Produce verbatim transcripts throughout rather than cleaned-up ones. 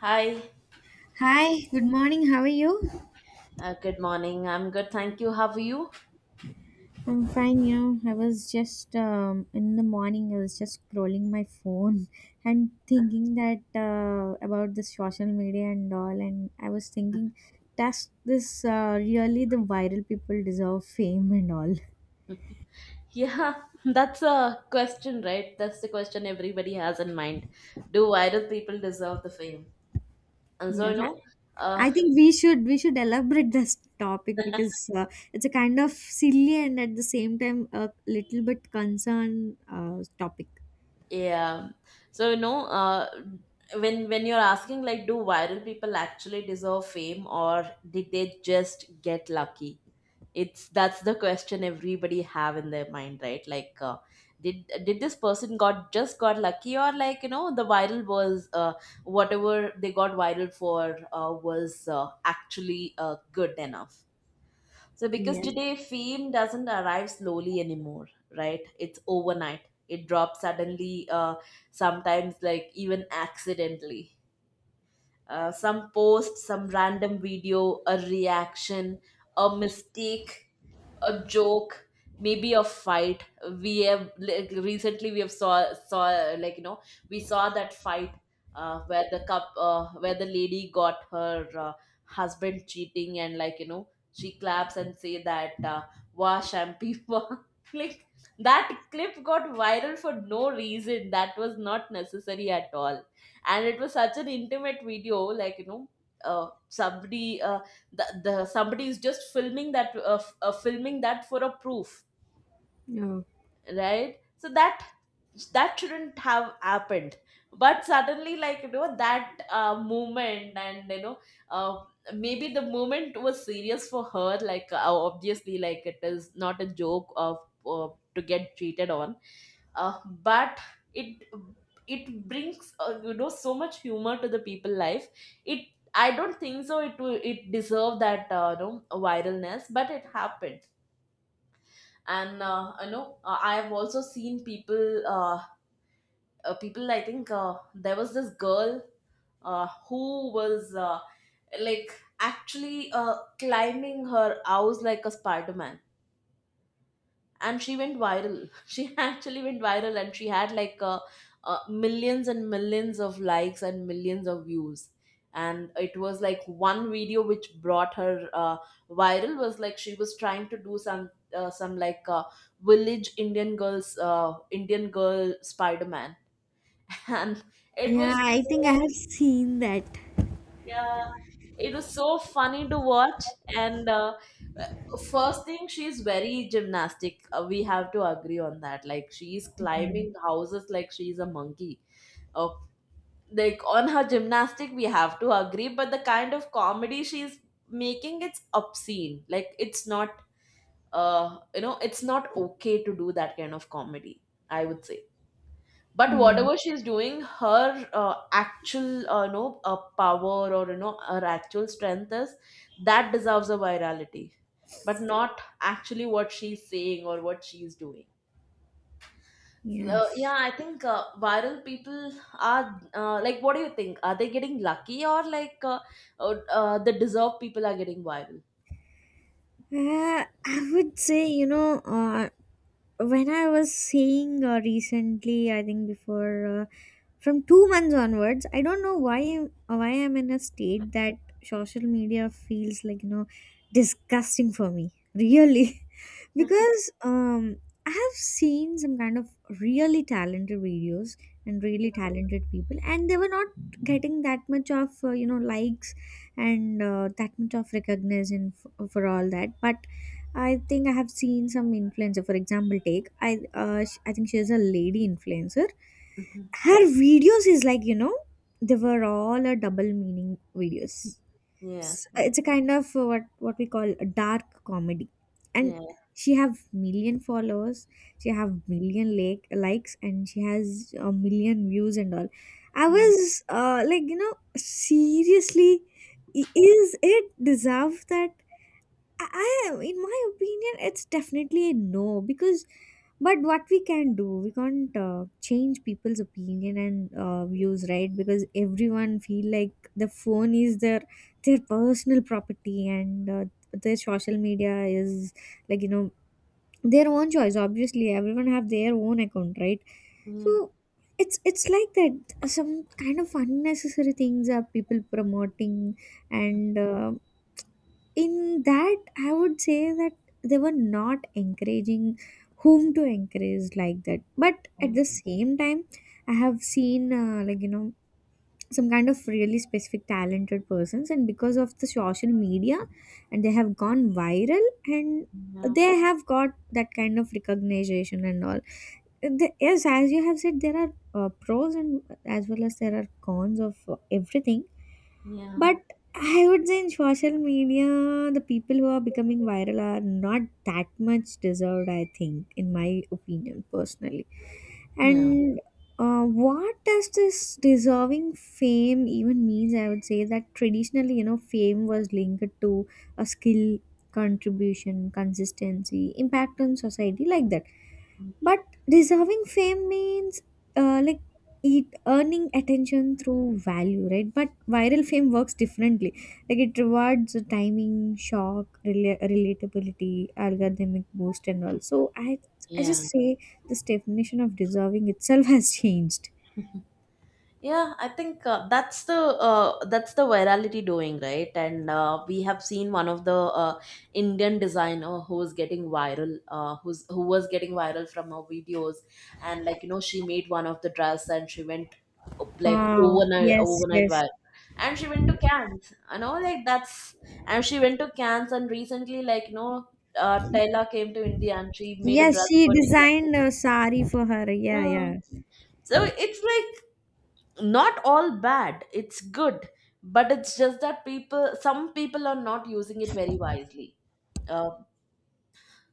Hi, Hi, good morning. How are you? uh, good morning. I'm good, thank you. How are you? I'm fine. You know, I was just um, in the morning. I was just scrolling my phone and thinking that uh, about the social media and all. And I was thinking, does this uh, really the viral people deserve fame and all? Yeah, that's a question, right? That's the question everybody has in mind. Do viral people deserve the fame? And so, you Yes, I know, uh, I think we should we should elaborate this topic because uh, it's a kind of silly and at the same time a little bit concern uh, topic. yeah. So, you know, uh, when when you're asking like, do viral people actually deserve fame, or did they just get lucky? It's That's the question everybody have in their mind, right? Like, uh, did did this person got just got lucky, or like, you know, the viral was, uh, whatever they got viral for, uh, was uh, actually uh, good enough. So because Yes. today fame doesn't arrive slowly anymore, right? It's overnight. It drops suddenly, uh, sometimes like even accidentally. Uh, some post, some random video, a reaction, a mistake, a joke, maybe a fight. We have like, recently we have saw saw like you know, we saw that fight uh, where the cup uh, where the lady got her, uh, husband cheating, and like you know, she claps and say that, uh, wash, and people like that clip got viral for no reason. That was not necessary at all. And it was such an intimate video, like you know, uh, somebody, uh, the, the somebody is just filming that, uh, f- uh, filming that for a proof, Oh. right? So that, that shouldn't have happened. But suddenly, like you know, that uh, movement, and you know, uh, maybe the moment was serious for her, like uh, obviously, like it is not a joke of, uh, to get cheated on, uh, but it it brings, uh, you know, so much humor to the people life. It, I don't think so it will, it deserved that, uh, you know, viralness, but it happened. And uh, you know, uh, I have also seen people, uh, uh, people, I think uh, there was this girl, uh, who was, uh, like actually uh, climbing her house like a Spider-Man, and she went viral. She actually went viral, and she had like uh, uh, millions and millions of likes and millions of views. And it was like one video which brought her uh, viral, was like she was trying to do some, uh, some like uh, village Indian girls, uh, Indian girl Spider-Man. And it Yeah, was I think I so, have seen that. yeah, it was so funny to watch. And uh, first thing, she's very gymnastic, uh, we have to agree on that. Like she's Mm. climbing houses like she's a monkey. uh, like on her gymnastic we have to agree, but the kind of comedy she's making, it's obscene. Like it's not, uh, you know, it's not okay to do that kind of comedy, I would say. But Hmm. whatever she's doing, her uh, actual, uh, no, uh, power, or you know, her actual strength is, that deserves a virality, but not actually what she's saying or what she's doing. So Yes. yeah, I think uh, viral people are, uh, like what do you think? Are they getting lucky, or like uh, uh, uh, the deserved people are getting viral? Uh, I would say, you know, uh, when I was seeing uh, recently, I think before uh, from two months onwards, I don't know why I'm, why I'm in a state that social media feels like, you know, disgusting for me. Really. Mhm. Because um I have seen some kind of really talented videos and really talented people and they were not getting that much of uh, you know likes and uh, that much of recognition f- uh, for all that. But I think I have seen some influencer, for example, take i uh, sh- I think she is a lady influencer. Mhm. Her videos is like you know they were all a double meaning videos. Yeah, s- yeah, It's a kind of uh, what what we call a dark comedy, and yeah. she have million followers, she have million like likes, and she has a million views and all. I Mm. was uh, like you know seriously, i- is it deserve that? I, I in my opinion, it's definitely a no because. But what we can do, we can't uh, change people's opinion and uh, views, right? Because everyone feel like the phone is their their personal property and uh, their social media is like you know their own choice. Obviously, everyone have their own account, right? Yeah, So it's it's like that some kind of unnecessary things are people promoting, and uh, in that I would say that they were not encouraging whom to encourage like that. But at the same time I have seen uh, like you know some kind of really specific talented persons, and because of the social media and they have gone viral and yeah, they have got that kind of recognition and all. The- yes, as you have said, there are uh, pros and as well as there are cons of uh, everything. yeah, But I would say in social media, the people who are becoming viral are not that much deserved, I think, in my opinion personally. yeah, And uh, what does this deserving fame even means? I would say that traditionally, you know, fame was linked to a skill, contribution, consistency, impact on society, like that. But deserving fame means uh, like it earning attention through value, right? But viral fame works differently. Like it rewards the timing, shock, rela- relatability, algorithmic boost, and all. So I I yeah. just say this definition of deserving itself has changed. Yeah, I think uh, that's the, uh, that's the virality doing, right? And uh, we have seen one of the uh, Indian designer who was getting viral, uh, who's who was getting viral from her videos, and like you know, she made one of the dress and she went, uh, like Oh, overnight yes, overnight yes. viral, and she went to Cannes, you know, like that's, and she went to Cannes. And recently, like you know, uh, Taylor came to India and she made a Yes, dress she for Taylor. designed a sari for her. Yeah, Yeah. yeah. So it's like, not all bad, it's good, but it's just that people, some people are not using it very wisely. uh,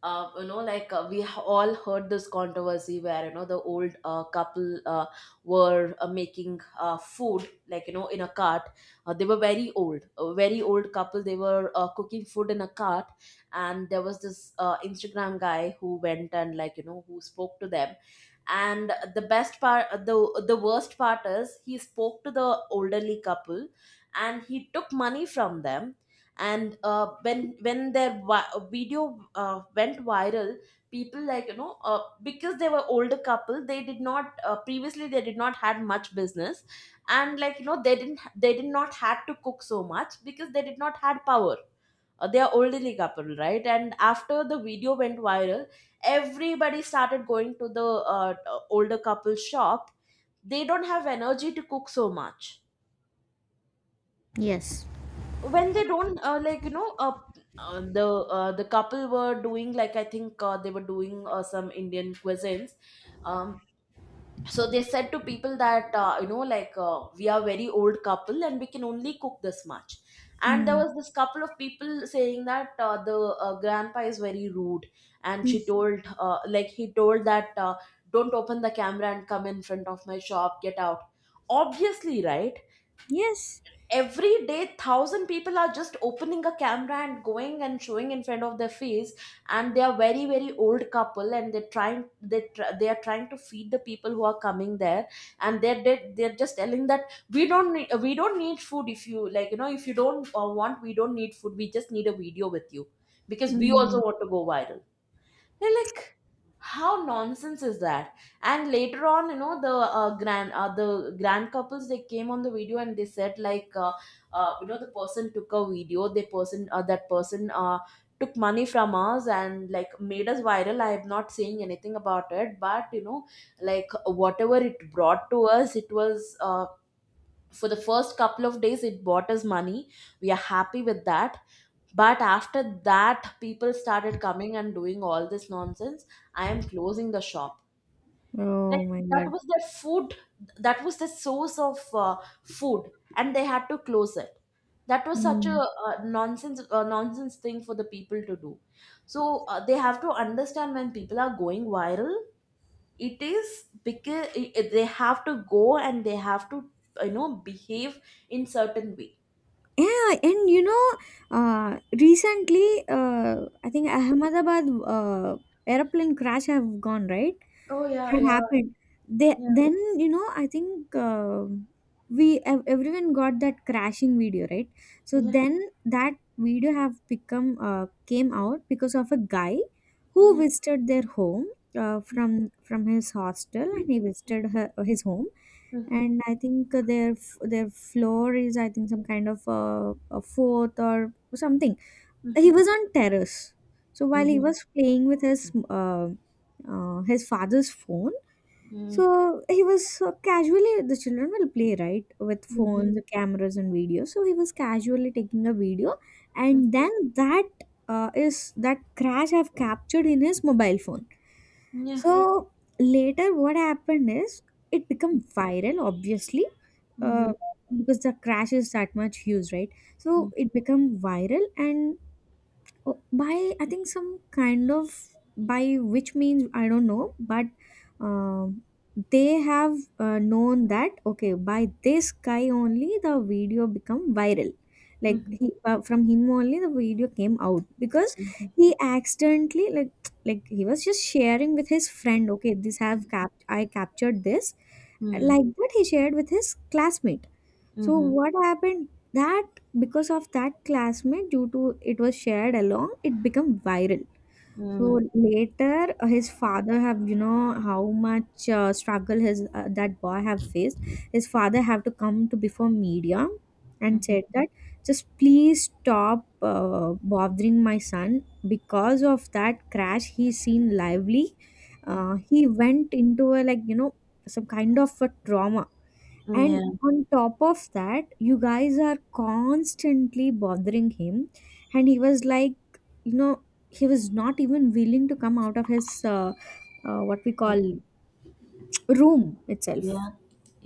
uh, you know, like, uh, we ha- all heard this controversy, where you know, the old uh, couple uh, were uh, making uh, food, like you know, in a cart. Uh, they were very old, a very old couple. They were uh, cooking food in a cart. And there was this uh, Instagram guy who went and like you know, who spoke to them. And the best part, uh, the the worst part is, he spoke to the elderly couple and he took money from them. And uh, when when their vi- video uh, went viral, people, like you know, uh, because they were older couple, they did not, uh, previously they did not had much business. And like you know, they didn't they did not had to cook so much because they did not had power. Uh, they are elderly couple, right? And after the video went viral, everybody started going to the uh, older couple shop. They don't have energy to cook so much. Yes. When they don't, uh, like you know, uh, uh, the uh, the couple were doing, like I think uh, they were doing uh, some Indian cuisines. um, so they said to people that, uh, you know, like, uh, we are very old couple and we can only cook this much. And there Mm. was this couple of people saying that, uh, the uh, grandpa is very rude, and Mm. she told, uh, like he told that, uh, don't open the camera and come in front of my shop, get out. Obviously, right? Yes. Every day, thousand people are just opening a camera and going and showing in front of their face. And they are very very old couple, and they're trying, they tr- they are trying to feed the people who are coming there. And they're they're, they're just telling that, we don't need, we don't need food. If you, like you know, if you don't, uh, want, we don't need food, we just need a video with you, because we also Mm. want to go viral. They're like, how nonsense is that? And later on, you know, the uh, grand uh, the grand couples, they came on the video, and they said like, uh, uh, you know, the person took a video. The person, uh, that person uh, took money from us and like, made us viral. I am not saying anything about it, but you know, like whatever it brought to us, it was. Uh, for the first couple of days, it brought us money, we are happy with that. But after that, people started coming and doing all this nonsense. I am closing the shop. Like, Oh my that god. was their food, that was the source of, uh, food, and they had to close it. That was such a, Mm. uh, nonsense uh, nonsense thing for the people to do. So uh, they have to understand, when people are going viral, it is because i- i- they have to go, and they have to, you know, behave in certain way. Yeah, and you know, uh, recently, uh, I think Ahmedabad uh, airplane crash have gone, right? Oh yeah, Had yeah, happened. They yeah, then, you know I think uh, we ev- everyone got that crashing video, right? So yeah, then that video have become uh, came out because of a guy who yeah. visited their home, uh, from from his hostel, and he visited her, his home. And I think uh, their f- their floor is I think some kind of uh, a fourth or something. He was on terrace. So while he Mhm. was playing with his uh, uh, his father's phone, Mm, so he was so casually, the children will play, right, with mhm, phones, cameras, and videos. So he was casually taking a video, and mhm. then that uh, is that crash I've captured in his mobile phone. Yeah. So later, what happened is it become viral, obviously, Mhm, uh, because the crash is that much huge, right? So mm, it become viral, and oh, by I think some kind of by which means I don't know, but um they have uh, known that okay by this guy only the video become viral. Like mhm, he uh, from him only the video came out because mhm, he accidentally like like he was just sharing with his friend. Okay, this have cap I captured this, mhm, like that he shared with his classmate. So mhm, what happened that because of that classmate, due to it was shared along, it became viral. mhm, So later, uh, his father have you know how much uh, struggle his uh, that boy have faced. His father have to come to before media and mhm, said that just please stop uh, bothering my son. Because of that crash he seen lively, mhm. Uh, he went into a like you know some kind of a trauma, and Yeah. on top of that, you guys are constantly bothering him. And he was like, you know, he was not even willing to come out of his, uh, uh, what we call, room itself. Yeah.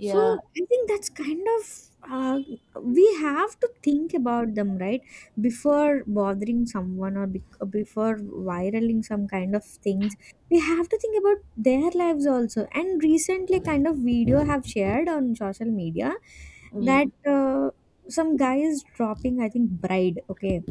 So I think that's kind of uh, we have to think about them right before bothering someone or bec- before viraling some kind of things. We have to think about their lives also. And recently, kind of video have shared on social media Yeah. that uh, some guy is dropping. I think bride. Okay,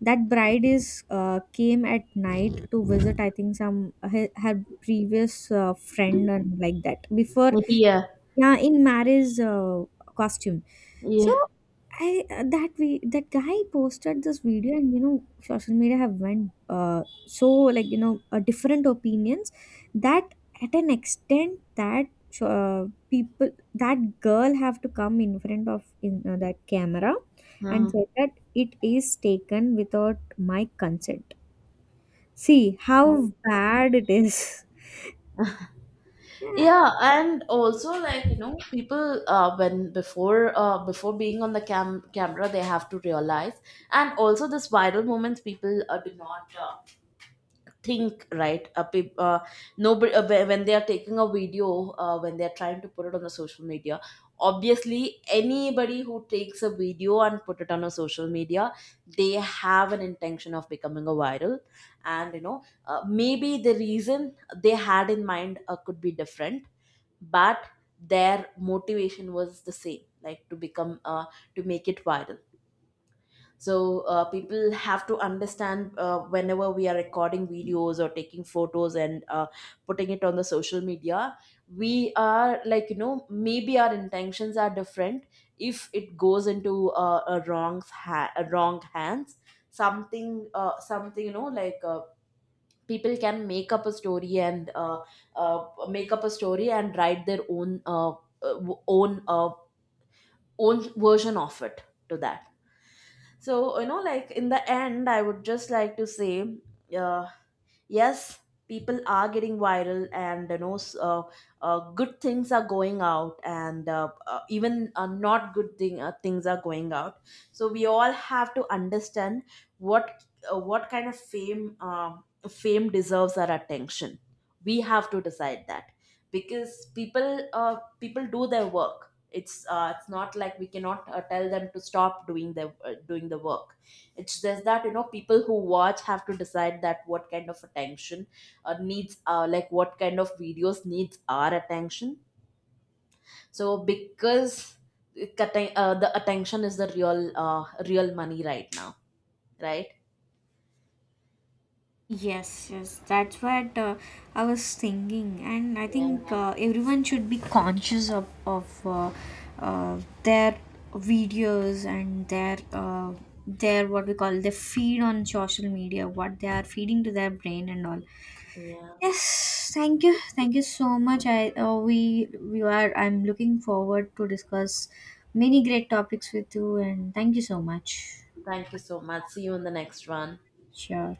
that bride is uh, came at night to visit. I think some her, her previous uh, friend and like that before, Yeah. yeah, in marriage uh, costume. So Yeah. I uh, that we that guy posted this video, and you know social media have went uh, so like you know uh, different opinions, that at an extent that uh, people, that girl have to come in front of in uh, that camera Yeah. and say that it is taken without my consent. See Um, how bad it is. yeah, Yeah. and also like you know, people, uh, when before uh, before being on the cam camera, they have to realize, and also this viral moments, people uh, do not uh, think, right? uh, peop uh, Nobody, uh, whe- when they are taking a video, uh, when they are trying to put it on the social media, obviously anybody who takes a video and put it on a social media, they have an intention of becoming a viral. And you know, uh, maybe the reason they had in mind uh, could be different, but their motivation was the same, like to become, uh, to make it viral. So uh, people have to understand, uh, whenever we are recording videos or taking photos and, uh, putting it on the social media, we are, like you know, maybe our intentions are different. If it goes into, uh, a wrong ha- a wrong hands, something, uh, something you know, like, uh, people can make up a story, and uh, uh, make up a story and write their own, uh, uh, w- own uh, own version of it, to that. So you know, like, in the end, I would just like to say, uh, yes, people are getting viral, and you know, s- uh, uh, good things are going out, and uh, uh, even uh, not good thing, uh, things are going out. So we all have to understand what, uh, what kind of fame uh, fame deserves our attention. We have to decide that, because people, uh, people do their work. It's uh, it's not like we cannot uh, tell them to stop doing their, uh, doing the work. It's just that, you know, people who watch have to decide that what kind of attention, uh, needs uh, like what kind of videos needs our attention. So because it, atten- uh, the attention is the real, uh, real money right now, right? Yes, yes, that's what uh, I was thinking. And I Yeah, think uh, everyone should be conscious of of uh, uh, their videos and their uh, their what we call their feed on social media, what they are feeding to their brain and all. yeah, Yes, thank you, thank you so much. I uh, we we are. I'm looking forward to discuss many great topics with you, and thank you so much. thank you so much, see you in the next one. Sure.